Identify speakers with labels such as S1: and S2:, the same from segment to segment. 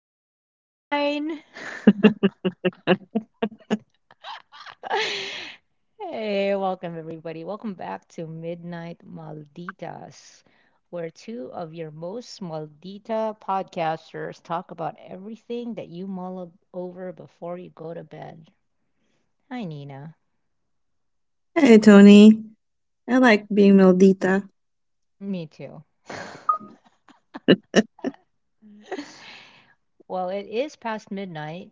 S1: "That's not mine." Hey, welcome everybody. Welcome back to Midnight Malditas, where two of your most maldita podcasters talk about everything that you mull over before you go to bed. Hi, Nina.
S2: Hey, Tony. I like being Maldita.
S1: Me too. Well, it is past midnight.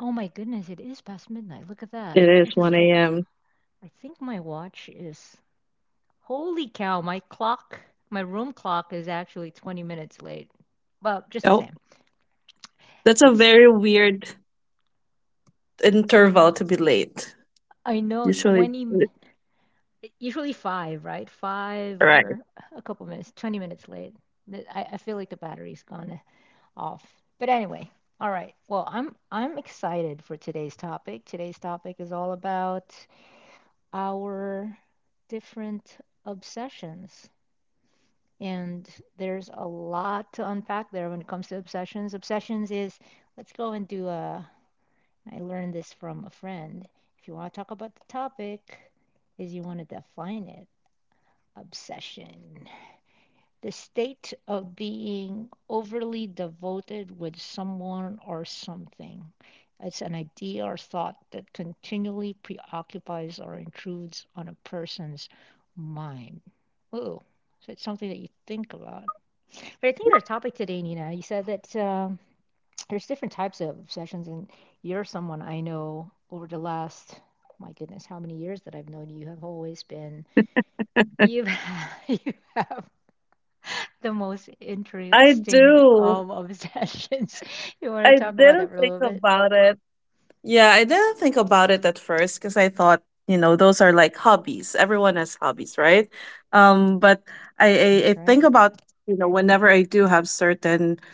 S1: Oh my goodness, it is past midnight. Look at that.
S2: It
S1: I
S2: is
S1: just
S2: 1
S1: checked.
S2: a.m.
S1: I think my watch is— holy cow, my clock, my room clock is actually 20 minutes late. Well, just the
S2: Oh,
S1: same.
S2: that's a
S1: It's,
S2: very weird interval to be late.
S1: I know
S2: Usually,
S1: 20, usually five, right? Five
S2: right.
S1: or a couple minutes, 20 minutes late. I feel like the battery's gone off. But anyway, all right. Well, I'm excited for today's topic. Today's topic is all about our different obsessions. And there's a lot to unpack there when it comes to obsessions. Obsessions is— let's go and do a— I learned this from a friend. If you want to talk about the topic, is you want to define it. Obsession: the state of being overly devoted with someone or something. It's an idea or thought that continually preoccupies or intrudes on a person's mind. Ooh, so it's something that you think about. But I think our topic today, Nina, you said that there's different types of obsessions, and you're someone I know over the last, oh my goodness, how many years that I've known you have always been,
S2: I
S1: you've, you have the most interesting
S2: do.
S1: of obsessions. You want to
S2: I
S1: talk about that
S2: didn't
S1: for a
S2: think
S1: little bit?
S2: about it. Yeah, I didn't think about it at first because I thought, you know, those are like hobbies. Everyone has hobbies, right? Um, but I, I
S1: That's right.
S2: think about, you know, whenever I do have certain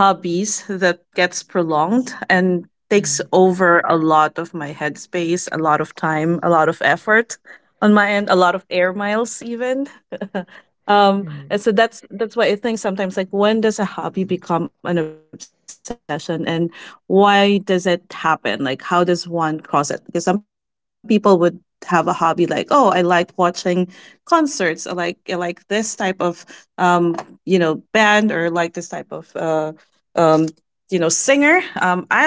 S2: hobbies that gets prolonged and takes
S1: Mm.
S2: over a lot of my headspace, a lot of time, a lot of effort on my end, a lot of air miles even. And
S1: Mm.
S2: so that's why I think sometimes, like, when does a hobby become an obsession, and why does it happen? Like, how does one cross it? Because some people would have a hobby like, oh, I like watching concerts. I like this type of um, you know, band, or like this type of um you know, singer. I'll watch it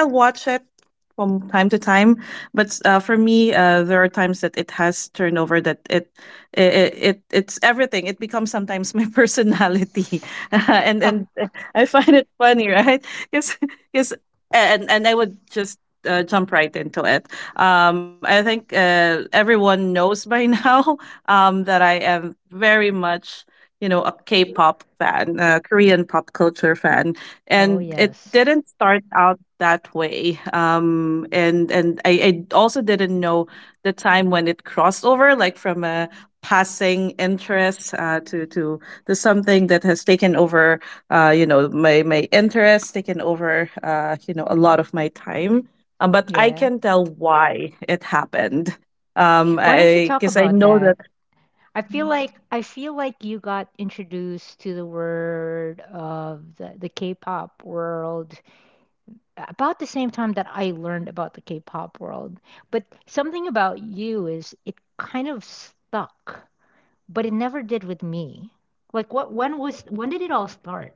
S2: from time to time, but for me, there are times that it has turnover, that it's everything. It becomes sometimes my personality, and I find it funny, right? Because because and and I would just jump right into it. I think everyone knows by now that I am very much, you know, a K-pop fan, a Korean pop culture fan.
S1: Oh,
S2: And it
S1: yes.
S2: didn't start out that way. I also didn't know the time when it crossed over, like from a passing interest, to something that has taken over, you know, my interest, taken over, you know, a lot of my time. But I
S1: Yeah.
S2: can tell why it happened. um
S1: Why don't you
S2: i
S1: talk
S2: because I
S1: about
S2: know that
S1: that? I feel like you got introduced to the word of the K-pop world about the same time that I learned about the K-pop world. But something about you is it kind of stuck, but it never did with me. Like what— when was— when did it all start?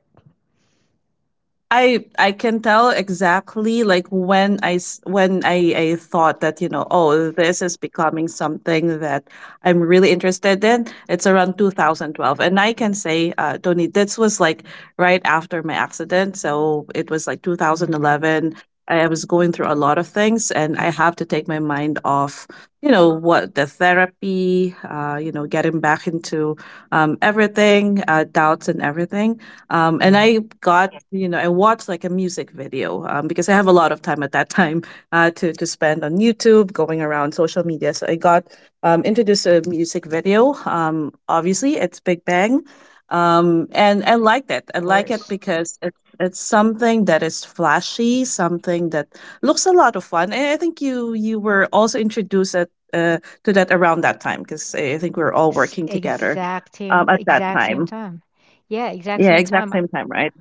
S2: I can tell exactly like when I s- when I thought that, you know, oh, this is becoming something that I'm really interested in. It's around 2012, and I can say, Tony, this was like right after my accident, so it was like
S1: Mm,
S2: 2011. I was going through a lot of things, and I have to take my mind off, you know, what the therapy, you know, getting back into everything, doubts and everything. And
S1: yeah,
S2: I got, you know, I watched like a music video, because I have a lot of time at that time, to spend on YouTube, going around social media. So I got introduced to a music video. Obviously, it's Big Bang, and I liked it.
S1: of
S2: I like it
S1: course.
S2: because it's something that is flashy, something that looks a lot of fun. And I think you were also introduced at, uh, to that around that time, because I think we were all
S1: S-
S2: working together
S1: Exact same,
S2: at that
S1: exact same
S2: time.
S1: time. Yeah, exact
S2: Yeah,
S1: same
S2: exact
S1: time.
S2: same time, right?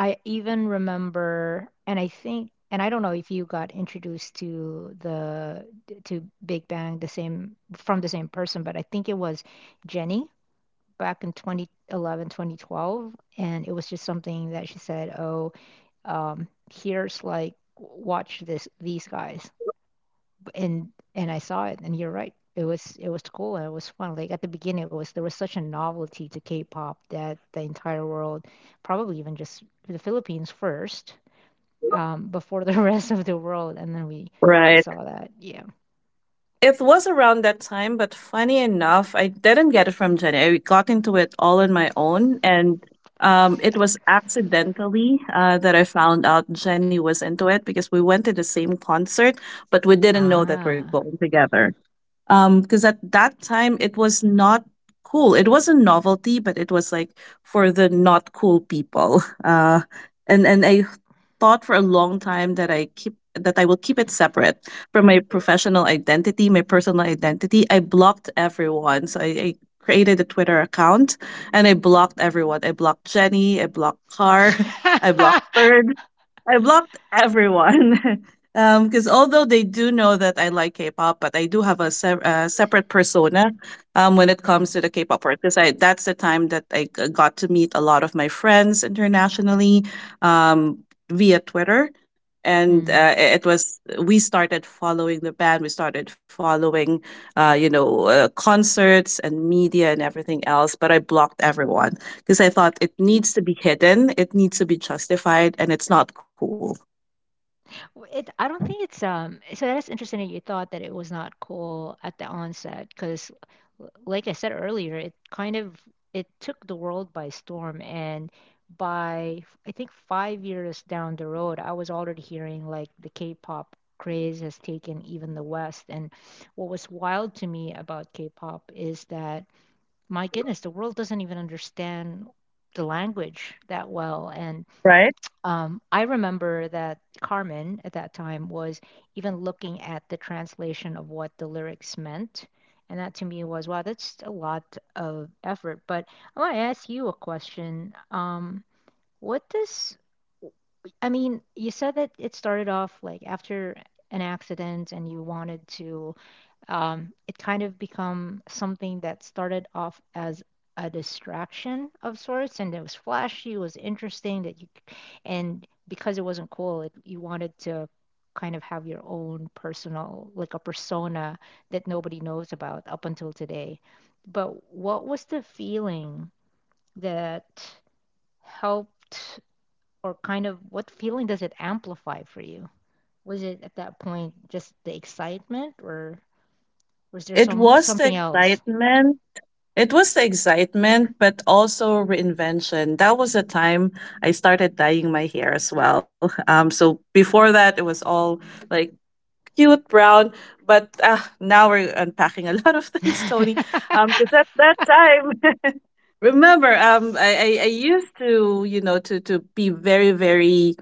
S1: I even remember, and I think, and I don't know if you got introduced to the— to Big Bang the same— from the same person, but I think it was Jenny back in 2011, 2012, and it was just something that she said, "Oh, um, here's like watch this, these guys," and and I saw it, and you're right. It was— it was cool and it was fun. Like at the beginning, it was— there was such a novelty to K-pop that the entire world, probably even just the Philippines first, before the rest of the world, and then we
S2: Right.
S1: saw that. Yeah.
S2: It was around that time, but funny enough, I didn't get it from Jenny. I got into it all on my own, and it was accidentally that I found out Jenny was into it because we went to the same concert, but we didn't know that we're
S1: Ah.
S2: going together because at that time it was not cool. It was a novelty, but it was like for the not cool people. And I thought for a long time that I will keep it separate from my professional identity, my personal identity. I blocked everyone. So I created a Twitter account, and I blocked everyone. I blocked Jenny, I blocked Car, I blocked Third, I blocked everyone. Because although they do know that I like K-pop, but I do have a, separate persona when it comes
S1: Mm.
S2: to the K-pop part. Because I that's the time that I got to meet a lot of my friends internationally, um, via Twitter, and
S1: Mm.
S2: it was, we started following the band, we started following, you know, concerts and media and everything else. But I blocked everyone because I thought it needs to be hidden, it needs to be justified, and it's not cool,
S1: W- It, I don't think it's. So that's interesting that you thought that it was not cool at the onset, because, like I said earlier, it kind of— it took the world by storm, and by f- I think 5 years down the road, I was already hearing like the K-pop craze has taken even the West, and what was wild to me about K-pop is that my goodness, the world doesn't even understand the language that well. And
S2: right?
S1: I remember that Carmen at that time was even looking at the translation of what the lyrics meant. And that to me was, wow, that's a lot of effort. But I want to ask you a question. What does, you said that it started off like after an accident and you wanted to it kind of become something that started off as a distraction of sorts, and it was flashy, it was interesting that you— and because it wasn't cool, it— you wanted to kind of have your own personal like a persona that nobody knows about up until today. But what was the feeling that helped, or kind of what feeling does it amplify for you? Was it at that point just the excitement, or was there
S2: It
S1: some—
S2: was the
S1: something else?
S2: excitement. It was the excitement, but also reinvention. That was the time I started dyeing my hair as well. So before that, it was all like cute brown. But now we're unpacking a lot of things, Tony. Because at that time, remember, I used to, you know, to be very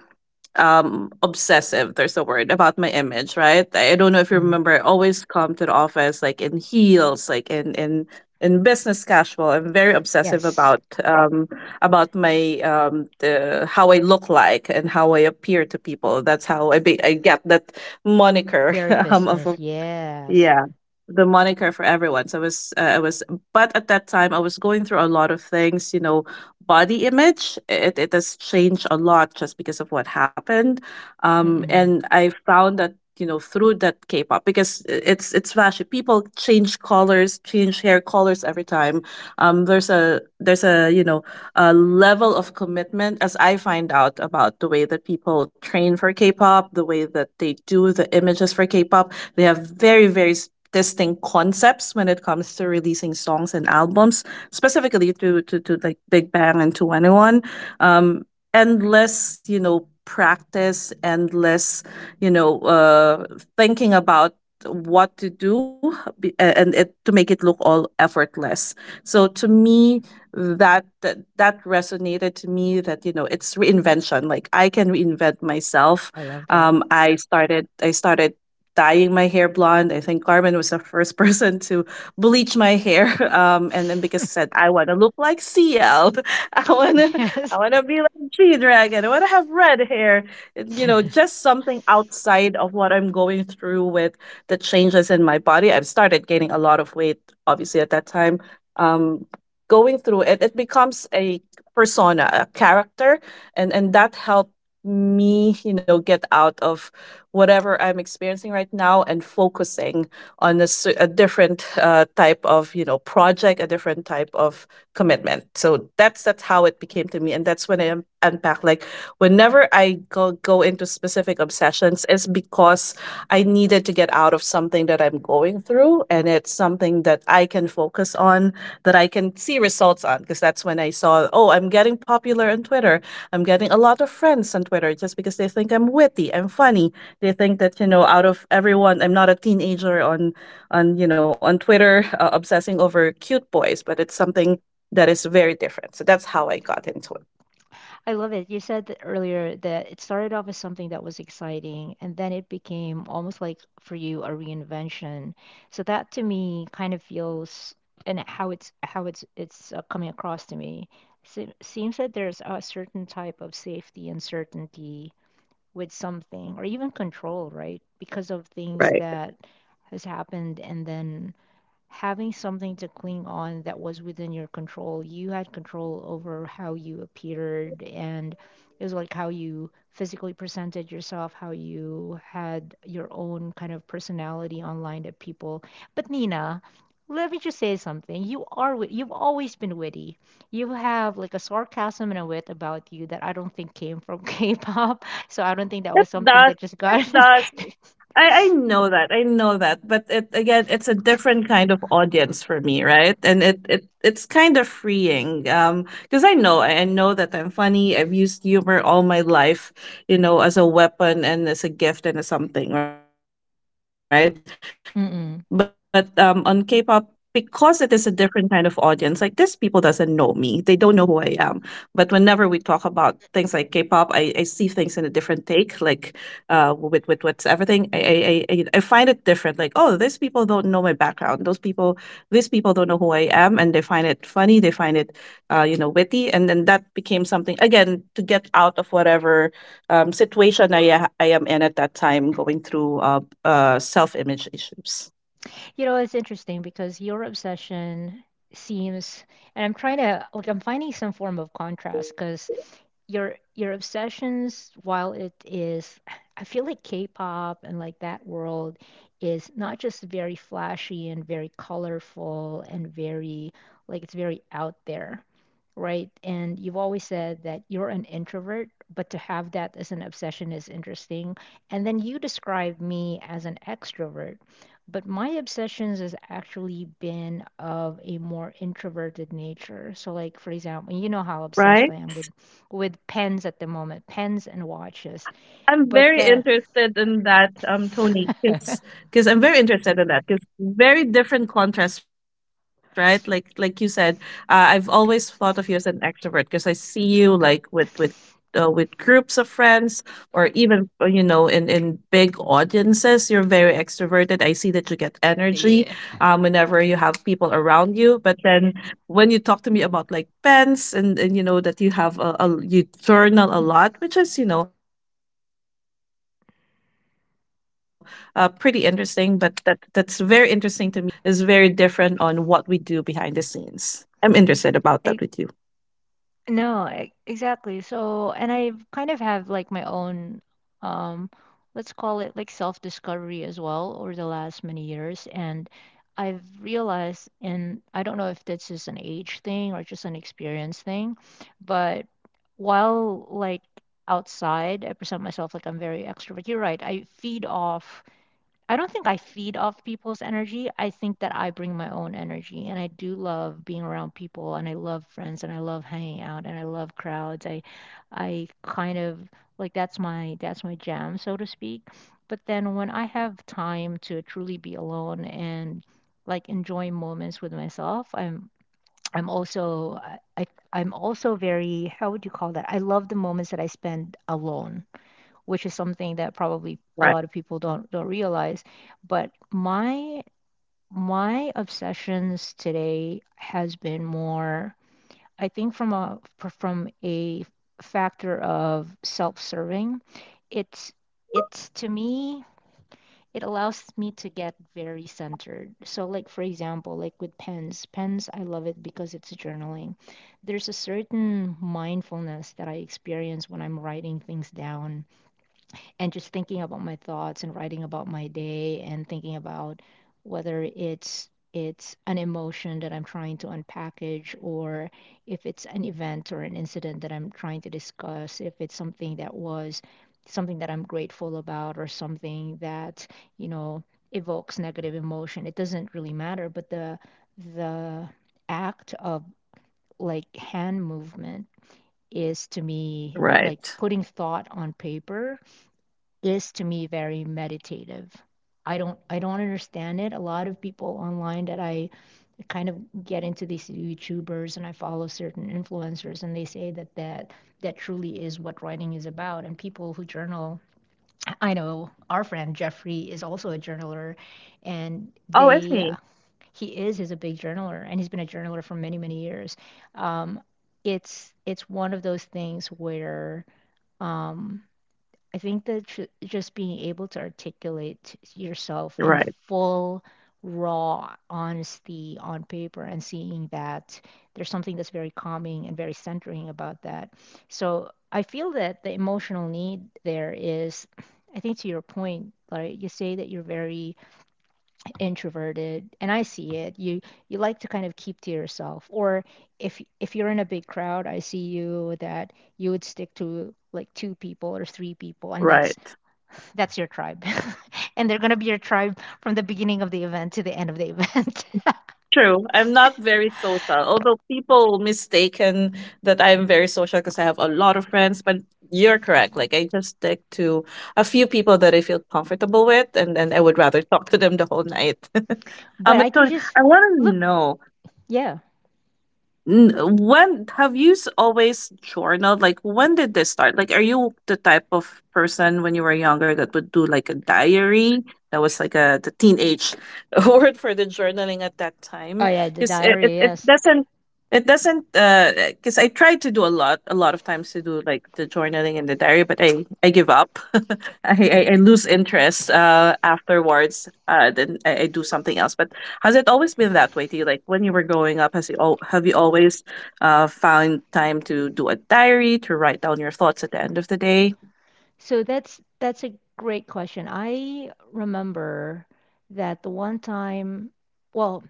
S2: obsessive, there's a word, about my image, right? I don't know if you
S1: Mm.
S2: remember, I always come to the office like in heels, like in business casual. I'm very obsessive
S1: Yes,
S2: about my, the how I look like and how I appear to people. That's how I be. I get that moniker,
S1: very
S2: of
S1: business. Yes.
S2: yeah, the moniker for everyone. So it was, but at that time I was going through a lot of things. You know, body image, it has changed a lot just because of what happened,
S1: Mm-mm.
S2: and I found that, you know, through that K-pop, because it's flashy. People change colors, change hair colors every time. There's a you know, level of commitment, as I find out about the way that people train for K-pop, the way that they do the images for K-pop. They have very, very, distinct concepts when it comes to releasing songs and albums, specifically to like Big Bang and 2NE1. Um, endless, you know, practice, endless, you know, thinking about what to do be- and it to make it look all effortless. So to me, that resonated to me, that, you know, it's reinvention, like I can reinvent myself.
S1: I love that.
S2: I started dyeing my hair blonde. I think Carmen was the first person to bleach my hair. And then because I said I want to look like CL, i want to I
S1: Yes.
S2: want to be like g dragon I want to have red hair. And, you know, just something outside of what I'm going through with the changes in my body. I've started gaining a lot of weight obviously at that time, um going through it. It becomes a persona, a character, and that helped me, you know, get out of whatever I'm experiencing right now, and focusing on a, a different type of, you know, project, a different type of commitment. So that's how it became to me, and that's when I unpack, like, whenever I go into specific obsessions, it's because I needed to get out of something that I'm going through, and it's something that I can focus on, that I can see results on. Because that's when I saw, oh, I'm getting popular on Twitter. I'm getting a lot of friends on Twitter just because they think I'm witty, I'm funny. They think that, you know, out of everyone, I'm not a teenager you know, on Twitter obsessing over cute boys, but it's something that is very different. So that's how I got into it.
S1: I love it. You said that earlier that it started off as something that was exciting and then it became almost like for you a reinvention. So that to me kind of feels— and how it's how it's coming across to me. Se- seems that there's a certain type of safety and certainty with something, or even control, right? Because of things
S2: Right.
S1: that has happened and then having something to cling on that was within your control. You had control over how you appeared, and it was like how you physically presented yourself, how you had your own kind of personality online to people. But Nina, let me just say something. You are wit- you've always been witty. You have like a sarcasm and a wit about you that I don't think came from K-pop. So I don't think that was
S2: It
S1: something
S2: does.
S1: that just
S2: It
S1: got.
S2: does. I know that. I know that. But it again, it's a different kind of audience for me, right? And it's kind of freeing. Because I know that I'm funny. I've used humor all my life, you know, as a weapon and as a gift and as something, right? But
S1: Mm-mm.
S2: um on K pop because it is a different kind of audience, like these people doesn't know me, they don't know who I am. But whenever we talk about things like K-pop, I see things in a different take, like with what's everything. I find it different, like, oh, these people don't know my background. Those people, these people don't know who I am, and they find it funny, they find it you know, witty. And then that became something, again, to get out of whatever situation I am in at that time, going through self image
S1: You know, it's
S2: issues,
S1: interesting because your obsession seems, and I'm trying to like— I'm finding some form of contrast because your obsessions, while it is, I feel like K-pop and like that world is not just very flashy and very colorful and very— like it's very out there, right? And you've always said that you're an introvert, but to have that as an obsession is interesting. And then you describe me as an extrovert, but my obsessions has actually been of a more introverted nature. So like for example, you know how obsessed
S2: right?
S1: I am with pens at the moment, pens and watches.
S2: I'm very
S1: But the—
S2: interested in that, Tony, because I'm very interested in that because very different contrast, right? Like you said, I've always thought of you as an extrovert, because I see you like with groups of friends, or even you know, in big audiences. You're very extroverted. I see that you get energy
S1: Yeah.
S2: whenever you have people around you. But then when you talk to me about like pens and you know that you have a you journal a lot, which is, you know, pretty interesting. But that's very interesting to me how the personalities that we show to the world is very different on what we do behind the scenes. I'm interested about that with you.
S1: No, e- exactly. So, and I kind of have like my own, um, let's call it like self-discovery as well over the last many years. And I've realized, and I don't know if that's just an age thing or just an experience thing, but while like outside, I present myself like I'm very extrovert. You're right. I feed off— I don't think I feed off people's energy. I think that I bring my own energy. And I do love being around people and I love friends and I love hanging out and I love crowds. I— I kind of like— that's my— that's my jam, so to speak. But then when I have time to truly be alone and like enjoy moments with myself, I'm also I I- I'm also very, how would you call that? I love the moments that I spend alone, which is something that probably a lot of people don't
S2: Right.
S1: realize. But my obsessions today has been more, I think, from a factor of self-serving. It's it's to me— it allows me to get very centered. So like for example, like with pens, pens I love it because it's journaling. There's a certain mindfulness that I experience when I'm writing things down and just thinking about my thoughts and writing about my day and thinking about whether it's an emotion that I'm trying to unpackage, or if it's an event or an incident that I'm trying to discuss, if it's something that was— something that I'm grateful about or something that, you know, evokes negative emotion. It doesn't really matter, but the— the act of like hand movement is to me
S2: Right.
S1: like putting thought on paper— is to me very meditative. I don't understand it. A lot of people online that I kind of get into, these YouTubers and I follow certain influencers, and they say that that truly is what writing is about. And people who journal, I know our friend Jeffrey is also a journaler, and
S2: Oh, I
S1: they—
S2: see.
S1: he is a big journaler and he's been a journaler for many many years. Um, it's one of those things where um, I think that ju- just being able to articulate yourself in
S2: Right.
S1: full, raw honesty on paper and seeing that, there's something that's very calming and very centering about that. So I feel that the emotional need there is, I think to your point, like you say that you're very introverted, and I see it. You— you like to kind of keep to yourself, or if you're in a big crowd, I see you that you would stick to like two people or three people, and that's—
S2: Right.
S1: that's your tribe. And they're going to be your tribe from the beginning of the event to the end of the event.
S2: True. I'm not very social, although people mistaken that I'm very social because I have a lot of friends. But you're correct. Like I just stick to a few people that I feel comfortable with, and then I would rather talk to them the whole night.
S1: But I
S2: But
S1: can
S2: Tony,
S1: just—
S2: I want to
S1: look,
S2: know
S1: yeah.
S2: When have you always journaled? Like, when did this start? Like, are you the type of person when you were younger that would do like a diary? That was like a the teenage word for the journaling at that
S1: Oh
S2: time,
S1: yeah, the
S2: because it, it,
S1: diary,
S2: it
S1: yes.
S2: doesn't it doesn't because I tried to do a lot of times to do like the journaling and the diary, but I give up. I lose interest afterwards. Then I do something else, but. Has it always been that way to you? Like when you were growing up, has you all have you always found time to do a diary to write down your thoughts at the end of the day?
S1: So that's— that's a great question. I remember that the one time, well,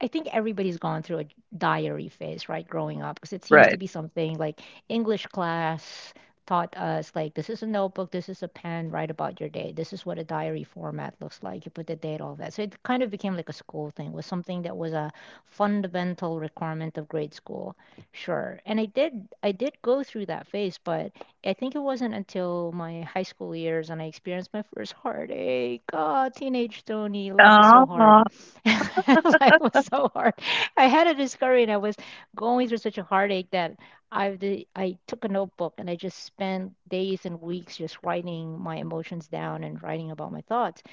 S1: I think everybody's gone through a diary phase, right, growing up, because it seems to be
S2: Right.
S1: something like English class taught us, like, this is a notebook, this is a pen, write about your day, this is what a diary format looks like, you put the date, all that. So it kind of became like a school thing, was something that was a fundamental requirement of grade school, sure. And I did go through that phase, but I think it wasn't until my high school years and I experienced my first heartache. God, teenage Tony, life is so hard.
S2: Yeah.
S1: Life was so hard. I had a discovery and I was going through such a heartache that I took a notebook and I just spent days and weeks just writing my emotions down and writing about my thoughts.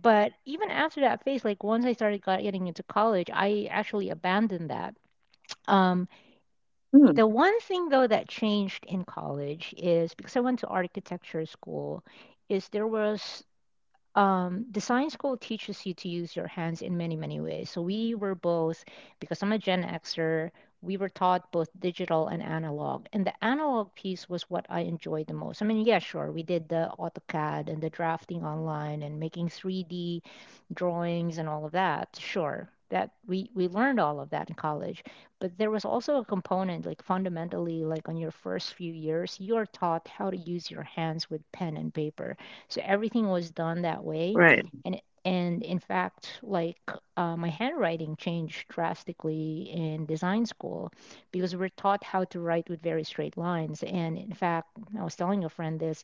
S1: But even after that phase, like once I started getting into college, I actually abandoned that. Um, the
S2: Mm,
S1: one thing though that changed in college, is because I went to architecture school, is there was design school teaches you to use your hands in many, many ways. So we were both, because I'm a Gen Xer, we were taught both digital and analog. And the analog piece was what I enjoyed the most. I mean, yeah, sure, we did the AutoCAD and the drafting online and making 3D drawings and all of that, sure, that we learned all of that in college. But there was also a component, like fundamentally, like on your first few years you're taught how to use your hands with pen and paper, so everything was done
S2: right.
S1: that way. And in fact, like my handwriting changed drastically in design school because we're taught how to write with very straight lines. And in fact, I was telling a friend this.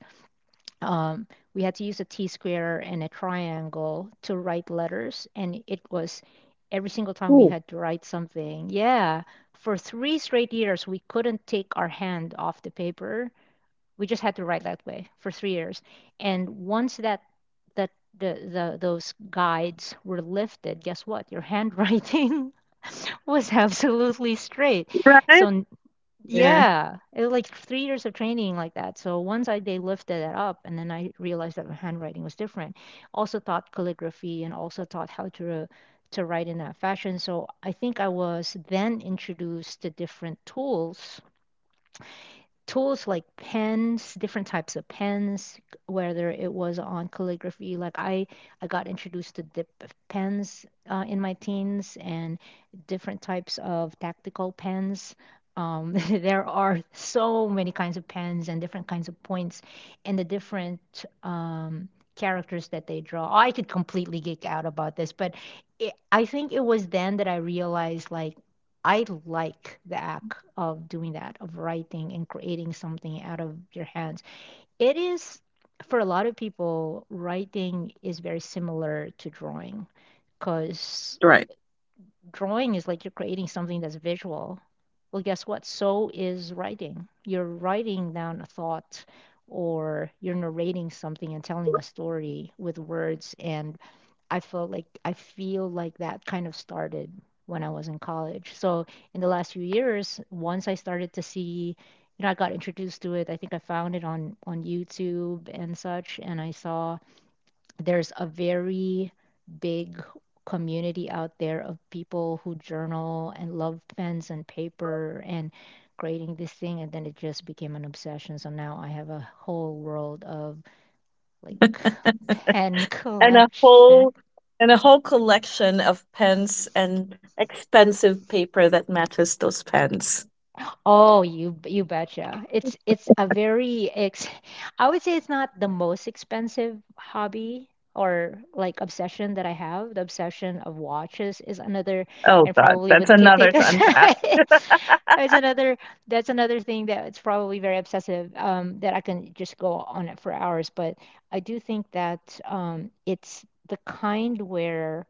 S1: um, we had to use a t-square and a triangle to write letters, and it was every single
S2: Ooh.
S1: time we had to write something, yeah, for three straight years we couldn't take our hand off the paper. We just had to write that way for three years. And once that that the those guides were lifted, guess what, your handwriting was absolutely straight.
S2: Right?
S1: So
S2: Yeah.
S1: yeah, it was like three years of training like that. So once I they lifted it up, and then I realized that my handwriting was different. Also taught calligraphy and also taught how to write in that fashion. So I think I was then introduced to different tools, like pens, different types of pens, whether it was on calligraphy. I got introduced to dip pens in my teens, and different types of tactical pens. There are so many kinds of pens and different kinds of points, and the different characters that they draw. I could completely geek out about this, but I think it was then that I realized, like, I like the act of doing that, of writing and creating something out of your hands. It is, for a lot of people, writing is very similar to drawing,
S2: Right.
S1: because drawing is like you're creating something that's visual. Well, guess what? So is writing. You're writing down a thought or you're narrating something and telling a story with words. And I felt like, I feel like that kind of started when I was in college. So in the last few years, once I started to see, you know, I got introduced to it. I think I found it on YouTube and such, and I saw there's a very big community out there of people who journal and love pens and paper and creating this thing. And then it just became an obsession. So now I have a whole world of, like, pen
S2: And a
S1: collection.
S2: whole and a whole collection of pens and expensive paper that matches those pens.
S1: Oh, you betcha. It's a very ex— I would say it's not the most expensive hobby or like obsession that I have. The obsession of watches is another,
S2: Oh
S1: and
S2: God,
S1: probably
S2: that's
S1: would
S2: another
S1: take
S2: to
S1: us
S2: unpack.
S1: it's another, that's another thing that it's probably very obsessive, that I can just go on it for hours. But I do think that it's the kind where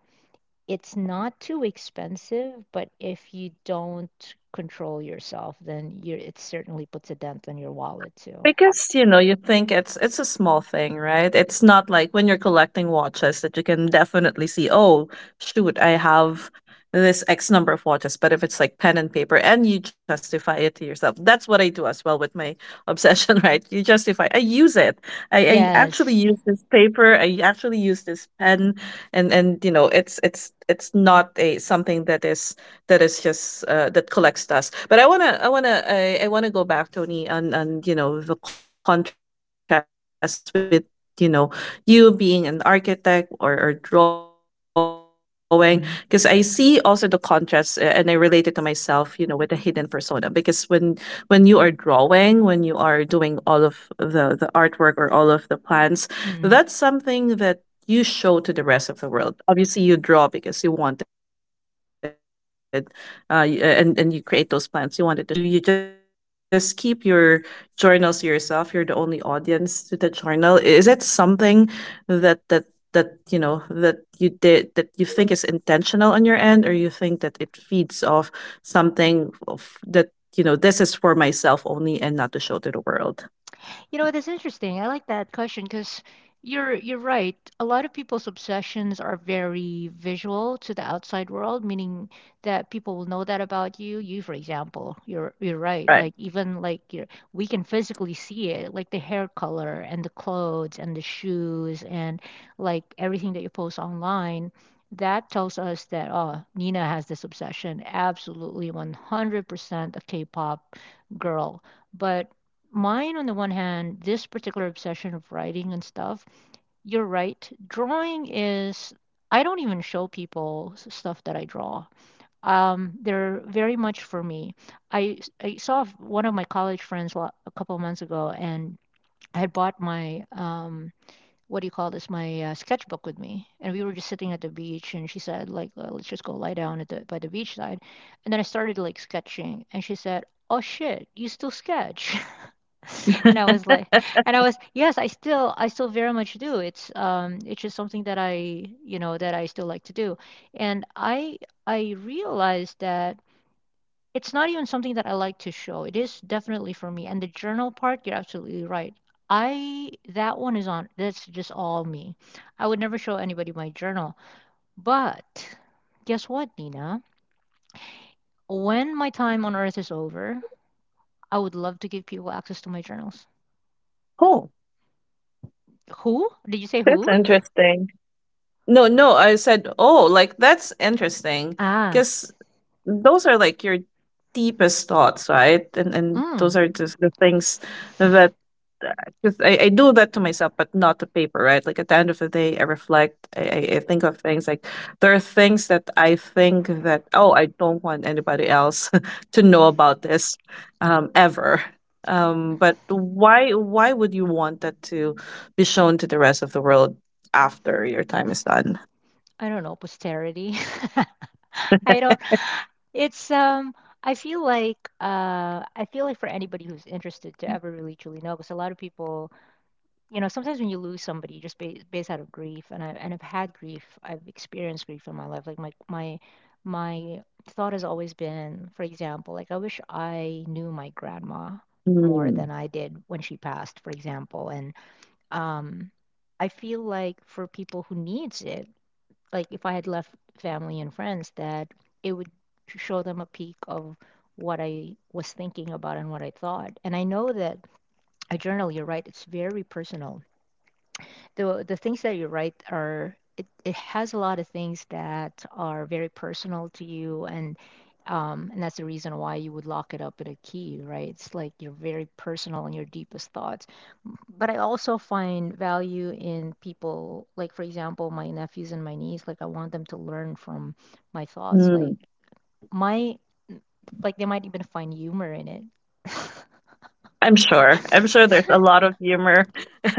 S1: it's not too expensive, but if you don't control yourself, then you're it certainly puts a dent on your wallet too.
S2: Because, you know, you think it's a small thing, right? It's not like when you're collecting watches that you can definitely see, oh, shoot, I have this X number of watches. But if it's like pen and paper and you justify it to yourself, that's what I do as well with my obsession, right? You justify, I use it. I actually
S1: Yes.
S2: use this paper. I actually use this pen. And you know, it's it's not a something that is just that collects dust. But I wanna go back, Tony, on you know the contrast with you know you being an architect or drawing because I see also the contrast, and I relate it to
S1: Mm,
S2: myself, you know, with the hidden persona because when you are drawing, when you are doing all of the artwork or all of the plans, that's something that you show to the rest of
S1: mm.
S2: the world. Obviously you draw because you wanted and you create those plans. You wanted to show it, but journaling is for yourself. I don't. I think you you just keep your journals to yourself. You're the only audience to the journal. Is it something that that you know that you did that you think is intentional on your end, or you think that it feeds off something of, that you know this is for myself only and not to show to the world.
S1: You know what? That's interesting. I like that question because you're right. A lot of people's obsessions are very visual to the outside world, meaning that people will know that about you. You, for example, you're right.
S2: Right.
S1: Like, even like you're, we can physically see it, like the hair color and the clothes and the shoes and like everything that you post online. That tells us that, oh, Nina has this obsession. Absolutely, 100% a K-pop girl. But mine, on the one hand, this particular obsession of writing and stuff, you're right, drawing is, I don't even show people stuff that I draw. They're very much for me. I saw one of my college friends a couple of months ago, and I had bought my what do you call this, my sketchbook with me, and we were just sitting at the beach, and she said like, let's just go lie down at the by the beach side." And then I started like sketching, and she said, "Oh shit, you still sketch?" And I was like, and I was, yes, I still very much do. It's just something that I, you know, that I still like to do. And I realized that it's not even something that I like to show. It is definitely for me. And the journal part, you're absolutely right. That one is on, that's just all me. I would never show anybody my journal. But guess what, Nina? When my time on earth is over, I would love to give people access to my journals.
S2: Oh,
S1: Who? Did you say
S2: that's
S1: who?
S2: interesting. No, no, I said, oh, like that's interesting
S1: Ah,
S2: because those are like your deepest thoughts, right? And
S1: mm.
S2: those are just the things that because I do that to myself, but not to paper, right? Like at the end of the day, I reflect, I think of things like there are things that I think that, oh, I don't want anybody else to know about this , ever. But why would you want that to be shown to the rest of the world after your time is done?
S1: I don't know, posterity. I don't it's I feel like, I feel like for anybody who's interested, to ever really truly know. Because a lot of people, you know, sometimes when you lose somebody, just ba based out of grief, and I've had grief, I've experienced grief in my life. Like, my thought has always been, for example, like, I wish I knew my grandma more
S2: Mm,
S1: than I did when she passed, for example, and. Um, I feel like for people who needs it, like if I had left family and friends, that it would show them a peek of what I was thinking about and what I thought. And I know that a journal, you're right, it's very personal. The things that you write are, it has a lot of things that are very personal to you, and that's the reason why you would lock it up in a key, right? It's like your very personal and your deepest thoughts. But I also find value in people, like for example, my nephews and my niece. Like, I want them to learn from my thoughts.
S2: mm.
S1: Like, my, like, they might even find humor in it.
S2: I'm sure. I'm sure there's a lot of humor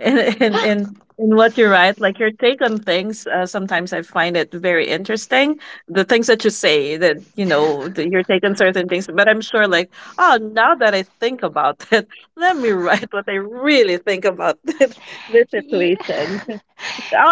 S2: in, in what you write. Like your take on things. Sometimes I find it very interesting. The things that you say, that you know, the, your take on certain things. But I'm sure, like, oh, now that I think about it, let me write what I really think about this
S1: Yeah,
S2: situation. Oh,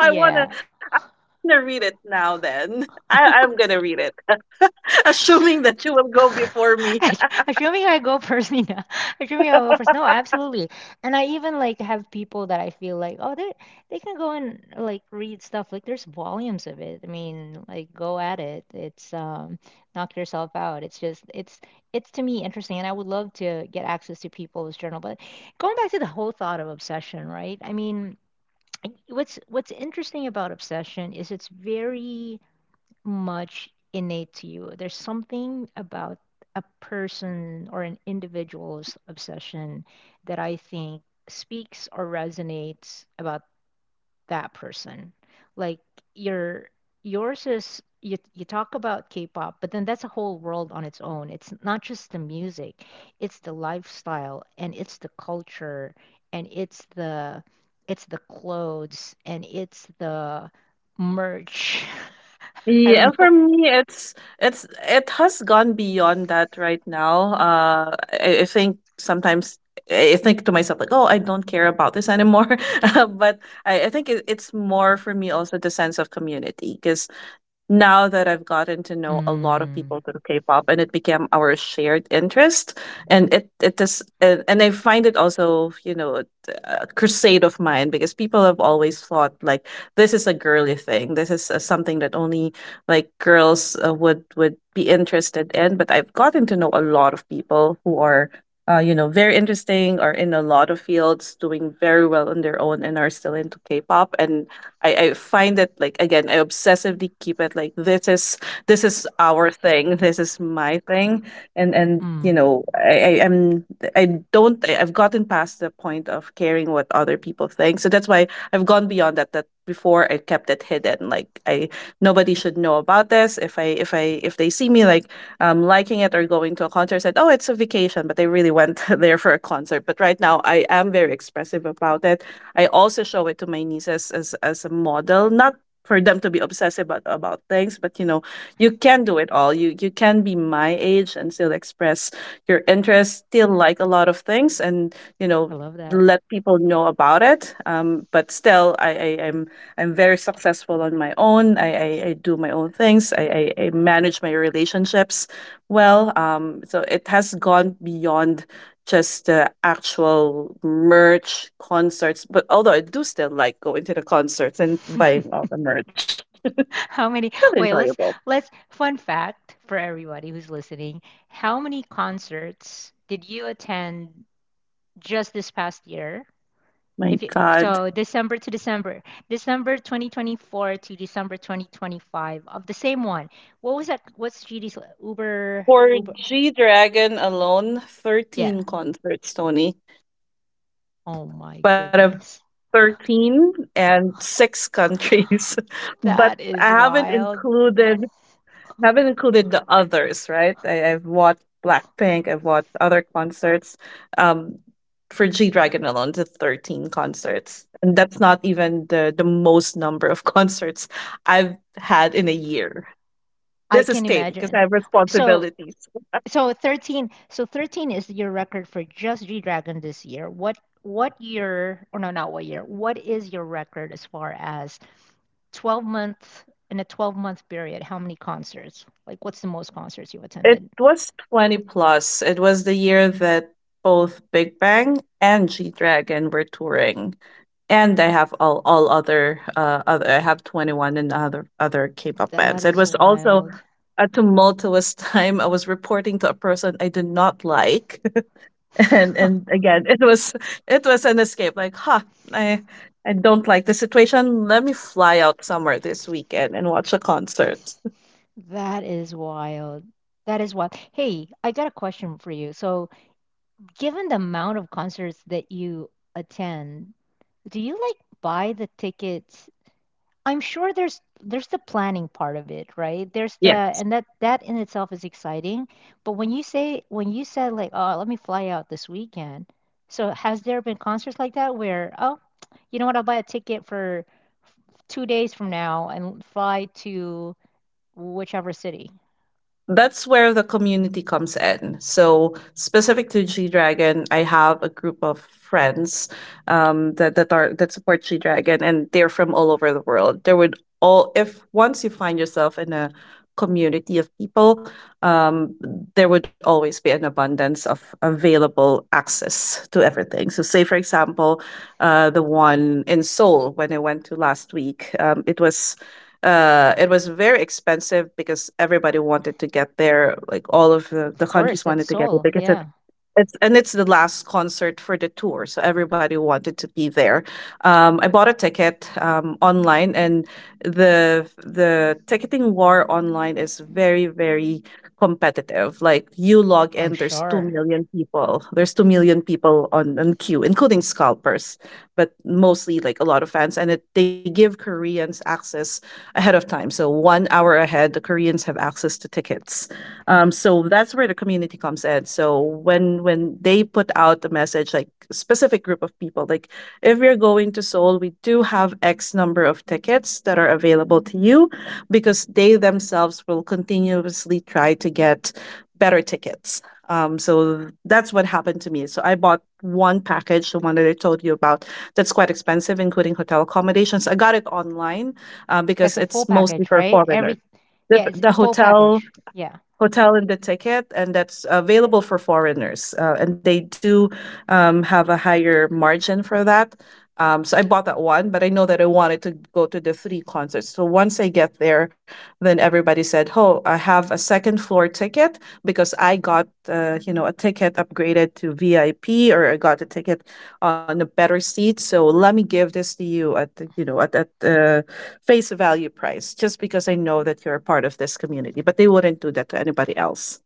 S2: wanna
S1: yeah.
S2: I'm gonna read it now then. I'm gonna read it. Assuming that you will go before me.
S1: Assuming I go first, Nina. Assuming I go first. No, absolutely. And I even like have people that I feel like, oh, they can go and like read stuff. Like, there's volumes of it. I mean, like, go at it. It's knock yourself out. It's just it's, to me, interesting, and I would love to get access to people's journal. But going back to the whole thought of obsession, right? I mean, what's interesting about obsession is it's very much innate to you. There's something about a person or an individual's obsession that, I think, speaks or resonates about that person. Like, your yours is, you talk about K-pop, but then that's a whole world on its own. It's not just the music, it's the lifestyle, and it's the culture, and it's the, it's the clothes, and it's the merch. I
S2: Yeah,
S1: don't
S2: and for
S1: know.
S2: me, it's it has gone beyond that right now. I think sometimes I think to myself like, oh, I don't care about this anymore. But I think it's more for me also the sense of community because now that I've gotten to know a lot of people
S1: Mm,
S2: through K-pop and it became our shared interest, and it is and I find it also, you know, a crusade of mine because people have always thought like this is a girly thing. This is something that only like girls would be interested in, but I've gotten to know a lot of people who are, you know, very interesting, are in a lot of fields, doing very well on their own, and are still into K-pop. And I find it like again I obsessively keep it like this is our thing, this is my thing. And you
S1: mm,
S2: know I don't I've gotten past the point of caring what other people think, so that's why I've gone beyond that. That before I kept it hidden like I nobody should know about this. If I if I if they see me like liking it or going to a concert, said, oh, it's a vacation, but they really went there for a concert. But right now, I am very expressive about it. I also show it to my nieces as a model, not for them to be obsessive about things, but you know you can do it all, you can be my age and still express your interests, still like a lot of things, and you
S1: I
S2: know
S1: love that.
S2: let people know about it. But still, I'm very successful on my own. I do my own things. I manage my relationships well. So it has gone beyond just the actual merch concerts, but although I do still like going to the concerts and buying all the merch, it's
S1: How
S2: still
S1: many? Wait,
S2: enjoyable.
S1: let's fun fact for everybody who's listening. How many concerts did you attend just this past year?
S2: My
S1: If you,
S2: God.
S1: so, December to December, December 2024 to December 2025 of the same one. What was that? What's GD's Uber
S2: For
S1: Uber?
S2: G Dragon alone,
S1: Yeah.
S2: 13 concerts, Tony.
S1: Oh
S2: But
S1: my
S2: of
S1: goodness.
S2: 13 and 6 countries. but I
S1: That is
S2: haven't
S1: wild.
S2: included Haven't included the others, right? I've watched Blackpink, I've watched other concerts. Um, for G Dragon alone, the 13 concerts. And that's not even the most number of concerts I've had in a year.
S1: I
S2: This is
S1: can
S2: tame because
S1: imagine.
S2: I have
S1: W- So
S2: responsibilities.
S1: So 13, so 13 is your record for just G-Dragon this year. What year, or no, not what year, what is your record as far as 12 month, in a 12-month period, how many concerts? Like, what's the most concerts you
S2: It
S1: attended?
S2: was 20 plus. It was the year that both Big Bang and G Dragon were touring. And I have all other I have 21 and other K-pop
S1: That
S2: bands. It
S1: is
S2: was also
S1: wild.
S2: a tumultuous time. I was reporting to a person I did not like. and and again it was an escape like huh, i I don't like the situation, let me fly out somewhere this weekend and watch a concert.
S1: That is wild. That is wild. Hey, I got a question for you. So, given the amount of concerts that you attend, do you like buy the tickets, I'm sure there's the planning part of it, right? There's the,
S2: Yeah,
S1: and that that in itself is exciting. But when you say, when you said like, "Oh, let me fly out this weekend." So has there been concerts like that where, "Oh, you know what? I'll buy a ticket for 2 days from now and fly to whichever city."
S2: that's where the community comes in. So specific to G Dragon, I have a group of friends that that are that support G Dragon, and they're from all over the world. There would all if once you find yourself in a community of people, um, there would always be an abundance of available access to everything. So, say for example, the one in Seoul when I went to last week, it was, it was very expensive because everybody wanted to get there. Like all of the
S1: Of course,
S2: countries
S1: that's
S2: wanted to get it
S1: Seoul.
S2: because
S1: Yeah.
S2: it's and it's the last concert for the tour, so everybody wanted to be there. I bought a ticket online, and the ticketing war online is very very competitive. Like you log
S1: I'm
S2: in, there's two
S1: sure.
S2: million people. There's 2 million people on queue, including scalpers, but mostly like a lot of fans, and it they give Koreans access ahead of time. So 1 hour ahead, the Koreans have access to tickets. So that's where the community comes in. So when they put out a message, like specific group of people, like if you're going to Seoul, we do have X number of tickets that are available to you, because they themselves will continuously try to get better tickets. So that's what happened to me. So I bought one package, the one that I told you about, that's quite expensive, including hotel accommodations. I got it online
S1: That's
S2: because
S1: a full
S2: it's mostly
S1: package,
S2: for
S1: right?
S2: foreigners.
S1: Every Yeah, it's
S2: The
S1: a full
S2: hotel
S1: package. Yeah.
S2: hotel in the ticket, and that's available for foreigners. And they do have a higher margin for that. So I bought that one, but I know that I wanted to go to the 3 concerts. So once I get there, then everybody said, "Oh, I have a second floor ticket because I got, a ticket upgraded to VIP, or I got a ticket on a better seat. So let me give this to you at the, you know at face value price, just because I know that you're a part of this community. But they wouldn't do that to anybody else."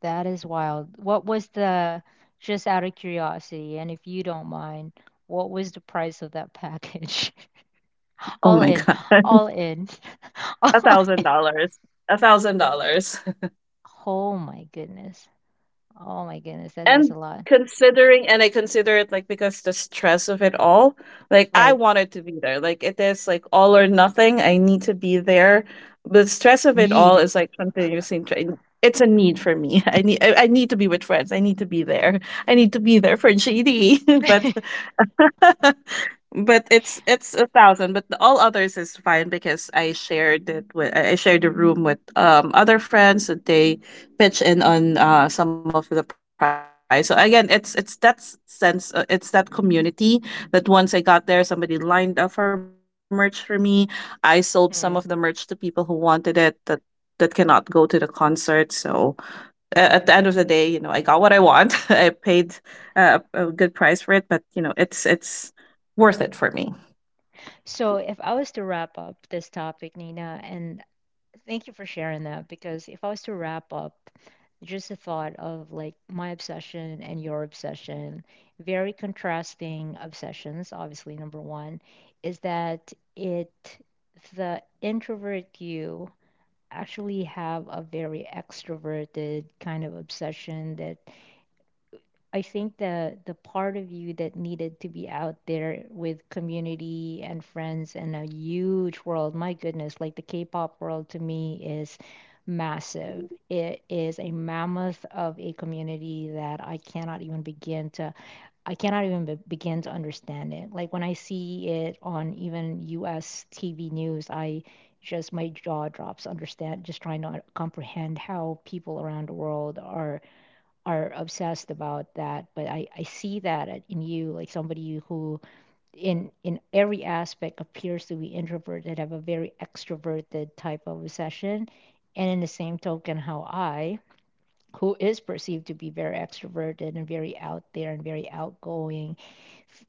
S1: That is wild. What was the, just out of curiosity, and if you don't mind, what was the price of that package?
S2: Oh
S1: All
S2: my
S1: in,
S2: god,
S1: all in.
S2: a
S1: all-
S2: thousand dollars, $1,000.
S1: Oh my goodness. Oh my goodness, that is
S2: and
S1: a lot.
S2: and I consider it like because the stress of it all, like I
S1: Right.
S2: wanted to be there. Like it is like all or nothing. I need to be there. The stress of it all
S1: Need.
S2: is like it's a need for me. I need, I need to be with friends. I need to be there. I need to be there for GD. But but it's a thousand, but all others is fine because I shared it with I shared the room with other friends that they pitch in on some of the prize. So again, it's that sense, it's that community that once I got there, somebody lined up for merch for me. I sold some of the merch to people who
S1: Hmm.
S2: wanted it that that cannot go to the concert. So at the end of the day, you know, I got what I want. I paid a good price for it, but you know, it's worth it for me.
S1: So, if I was to wrap up this topic, Nina, and thank you for sharing that. Because if I was to wrap up, just the thought of like my obsession and your obsession, very contrasting obsessions, obviously, number one, is that it, the introvert, you actually have a very extroverted kind of obsession. That I think the part of you that needed to be out there with community and friends and a huge world, my goodness, like the K-pop world to me is massive. It is a mammoth of a community that I cannot even begin to, I cannot even begin to understand it. Like when I see it on even US TV news, I just, my jaw drops, understand, just trying to comprehend how people around the world are obsessed about that. But I see that in you, like somebody who in every aspect appears to be introverted, have a very extroverted type of obsession. And in the same token, how I, who is perceived to be very extroverted and very out there and very outgoing,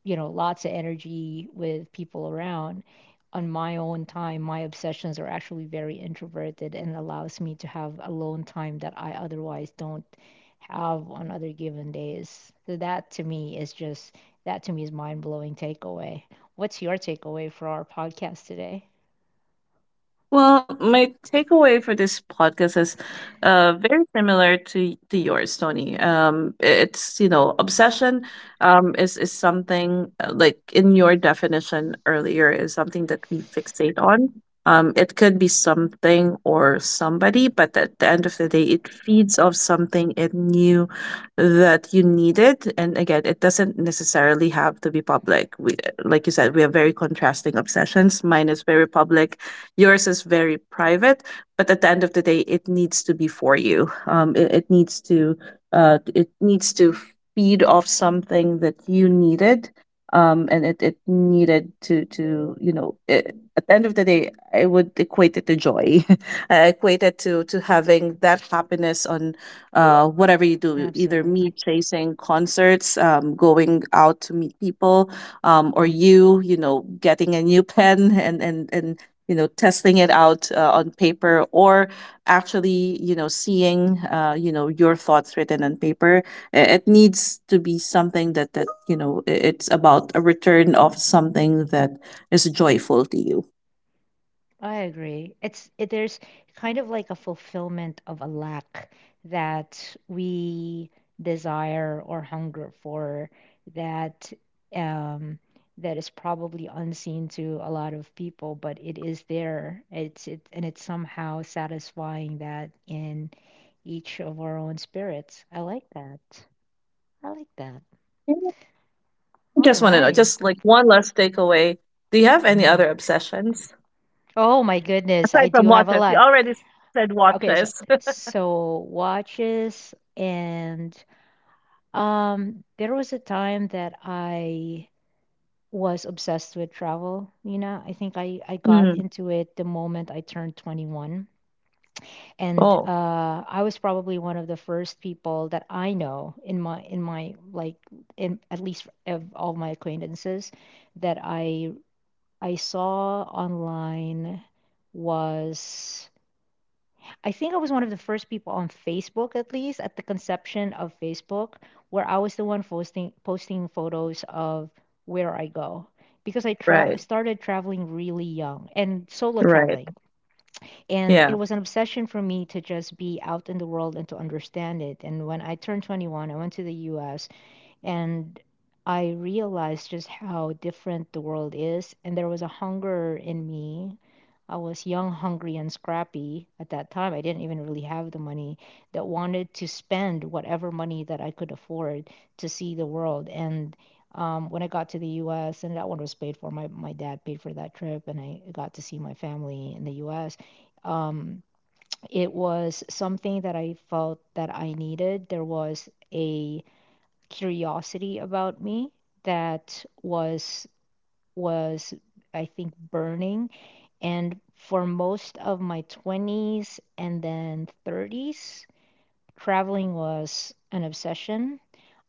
S1: lots of energy with people around. On my own time, my obsessions are actually very introverted and allows me to have alone time that I otherwise don't have on other given days. So that to me is just, that to me is mind blowing takeaway. What's your takeaway for our podcast today?
S2: Well, my takeaway for this podcast is very similar to yours, Tony. It's, you know, obsession, is something, like in your definition earlier, is something that we fixate on. It could be something or somebody, but at the end of the day, it feeds off something it knew that you needed. And again, it doesn't necessarily have to be public. We, like you said, we have very contrasting obsessions. Mine is very public. Yours is very private, but at the end of the day, it needs to be for you. It needs to, it needs to feed off something that you needed. It needed to you know it, at the end of the day, I would equate it to joy. I equate it to having that happiness on whatever you do, either me
S1: Absolutely.
S2: chasing concerts, going out to meet people, or you know, getting a new pen and you know testing it out, on paper, or actually you know seeing, you know, your thoughts written on paper. It needs to be something that that you know it's about a return of something that is joyful to you.
S1: I agree. It's it, there's kind of like a fulfillment of a lack that we desire or hunger for, that um that is probably unseen to a lot of people, but it is there. It's it and it's somehow satisfying that in each of our own spirits. I like that. I like that.
S2: Yeah,
S1: All
S2: just want to know,
S1: right.
S2: just like one last takeaway. Do you have any
S1: Mm.
S2: other obsessions
S1: Oh my goodness, I
S2: aside from
S1: do have a
S2: watches? You
S1: lot.
S2: already said watches.
S1: Okay, so so watches, and there was a time that I was obsessed with travel, Nina. I think I got
S2: Mm.
S1: into it the moment I turned 21. And
S2: Oh,
S1: I was probably one of the first people that I know in my, like in, at least of all my acquaintances, that I saw online, was, I think I was one of the first people on Facebook, at least at the conception of Facebook, where I was the one posting photos of where I go, because I
S2: right,
S1: started traveling really young, and solo
S2: right.
S1: traveling, and it
S2: Yeah.
S1: was an obsession for me to just be out in the world and to understand it. And when I turned 21, I went to the U.S., and I realized just how different the world is, and there was a hunger in me. I was young, hungry, and scrappy. At that time, I didn't even really have the money that wanted to spend whatever money that I could afford to see the world. And when I got to the U.S., and that one was paid for, my dad paid for that trip, and I got to see my family in the U.S. Um, it was something that I felt that I needed. There was a curiosity about me that was, I think, burning. And for most of my 20s and then 30s, traveling was an obsession.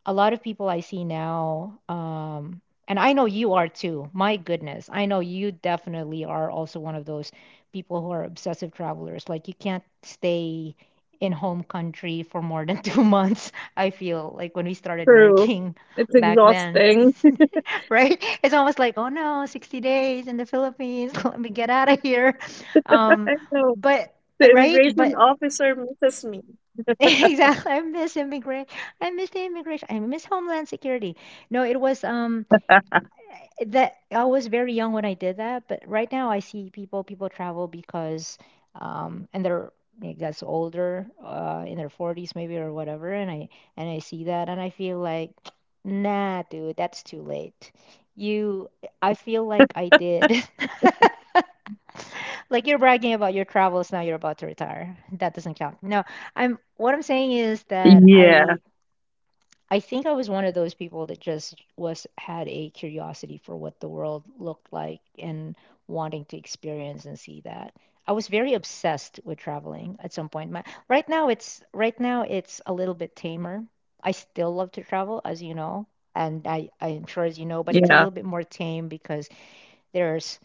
S1: A lot of people I see now, and I know you are too. My goodness, I know you definitely are also one of those people who are obsessive travelers. Like you can't stay in home country for more than 2 months. I feel like when we started
S2: True.
S1: working
S2: It's
S1: back then,
S2: exhausting.
S1: right? It's almost like, oh no, 60 days in the Philippines. Let me get out of here.
S2: I
S1: Um,
S2: know.
S1: but
S2: The
S1: right,
S2: immigration
S1: but
S2: officer misses me.
S1: exactly. I miss immigrant. I miss the immigration. I miss Homeland Security. No, it was that I was very young when I did that, but right now I see people travel because and they're, it gets older in their 40s maybe or whatever, and I see that, and I feel like nah, dude, that's too late. You I feel like I did. Like you're bragging about your travels now you're about to retire. That doesn't count. No, I'm what I'm saying is that
S2: Yeah.
S1: I think I was one of those people that just was had a curiosity for what the world looked like, and wanting to experience and see that. I was very obsessed with traveling at some point. Right now it's, a little bit tamer. I still love to travel, as you know, and I'm sure as you know, but it's a
S2: Yeah.
S1: little bit more tame because there's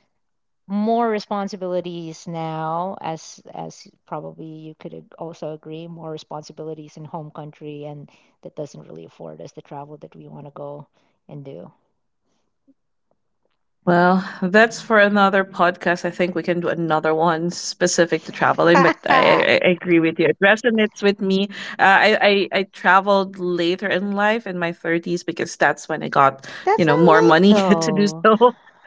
S1: more responsibilities now, as probably you could also agree. More responsibilities in home country, and that doesn't really afford us the travel that we want to go and do.
S2: Well, that's for another podcast. I think we can do another one specific to traveling, but
S1: That's
S2: I agree with you. It resonates with me. I traveled later in life in my 30s because that's when I got,
S1: not
S2: you know, more
S1: late
S2: money. To do
S1: though.
S2: so.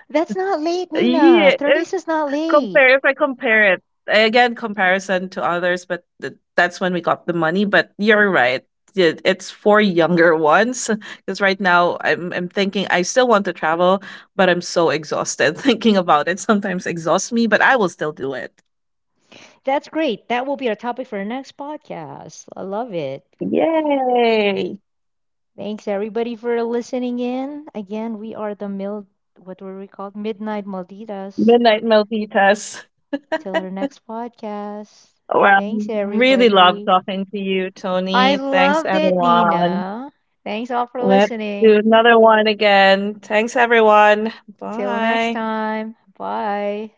S1: That's not late,
S2: Yeah,
S1: Nina. 30s is not late.
S2: compare if I compare it again, comparison to others, but that's when we got the money. But you're right. It- It's for younger ones. Because right now I'm thinking I still want to travel, but I'm so exhausted. Thinking about it sometimes exhausts me, but I will still do it.
S1: That's great. That will be our topic for our next podcast. I love it.
S2: Yay!
S1: Thanks everybody for listening in again. We are the mil what were we called? Midnight Malditas.
S2: Midnight Meltitas.
S1: Till our next podcast.
S2: Well,
S1: Thanks,
S2: really love
S1: everybody.
S2: talking to you,
S1: I
S2: Tony. Thanks,
S1: loved it,
S2: everyone.
S1: Nina. Thanks all for
S2: Let's do
S1: listening.
S2: another one again. Thanks, everyone.
S1: Till next
S2: Bye.
S1: time. Bye.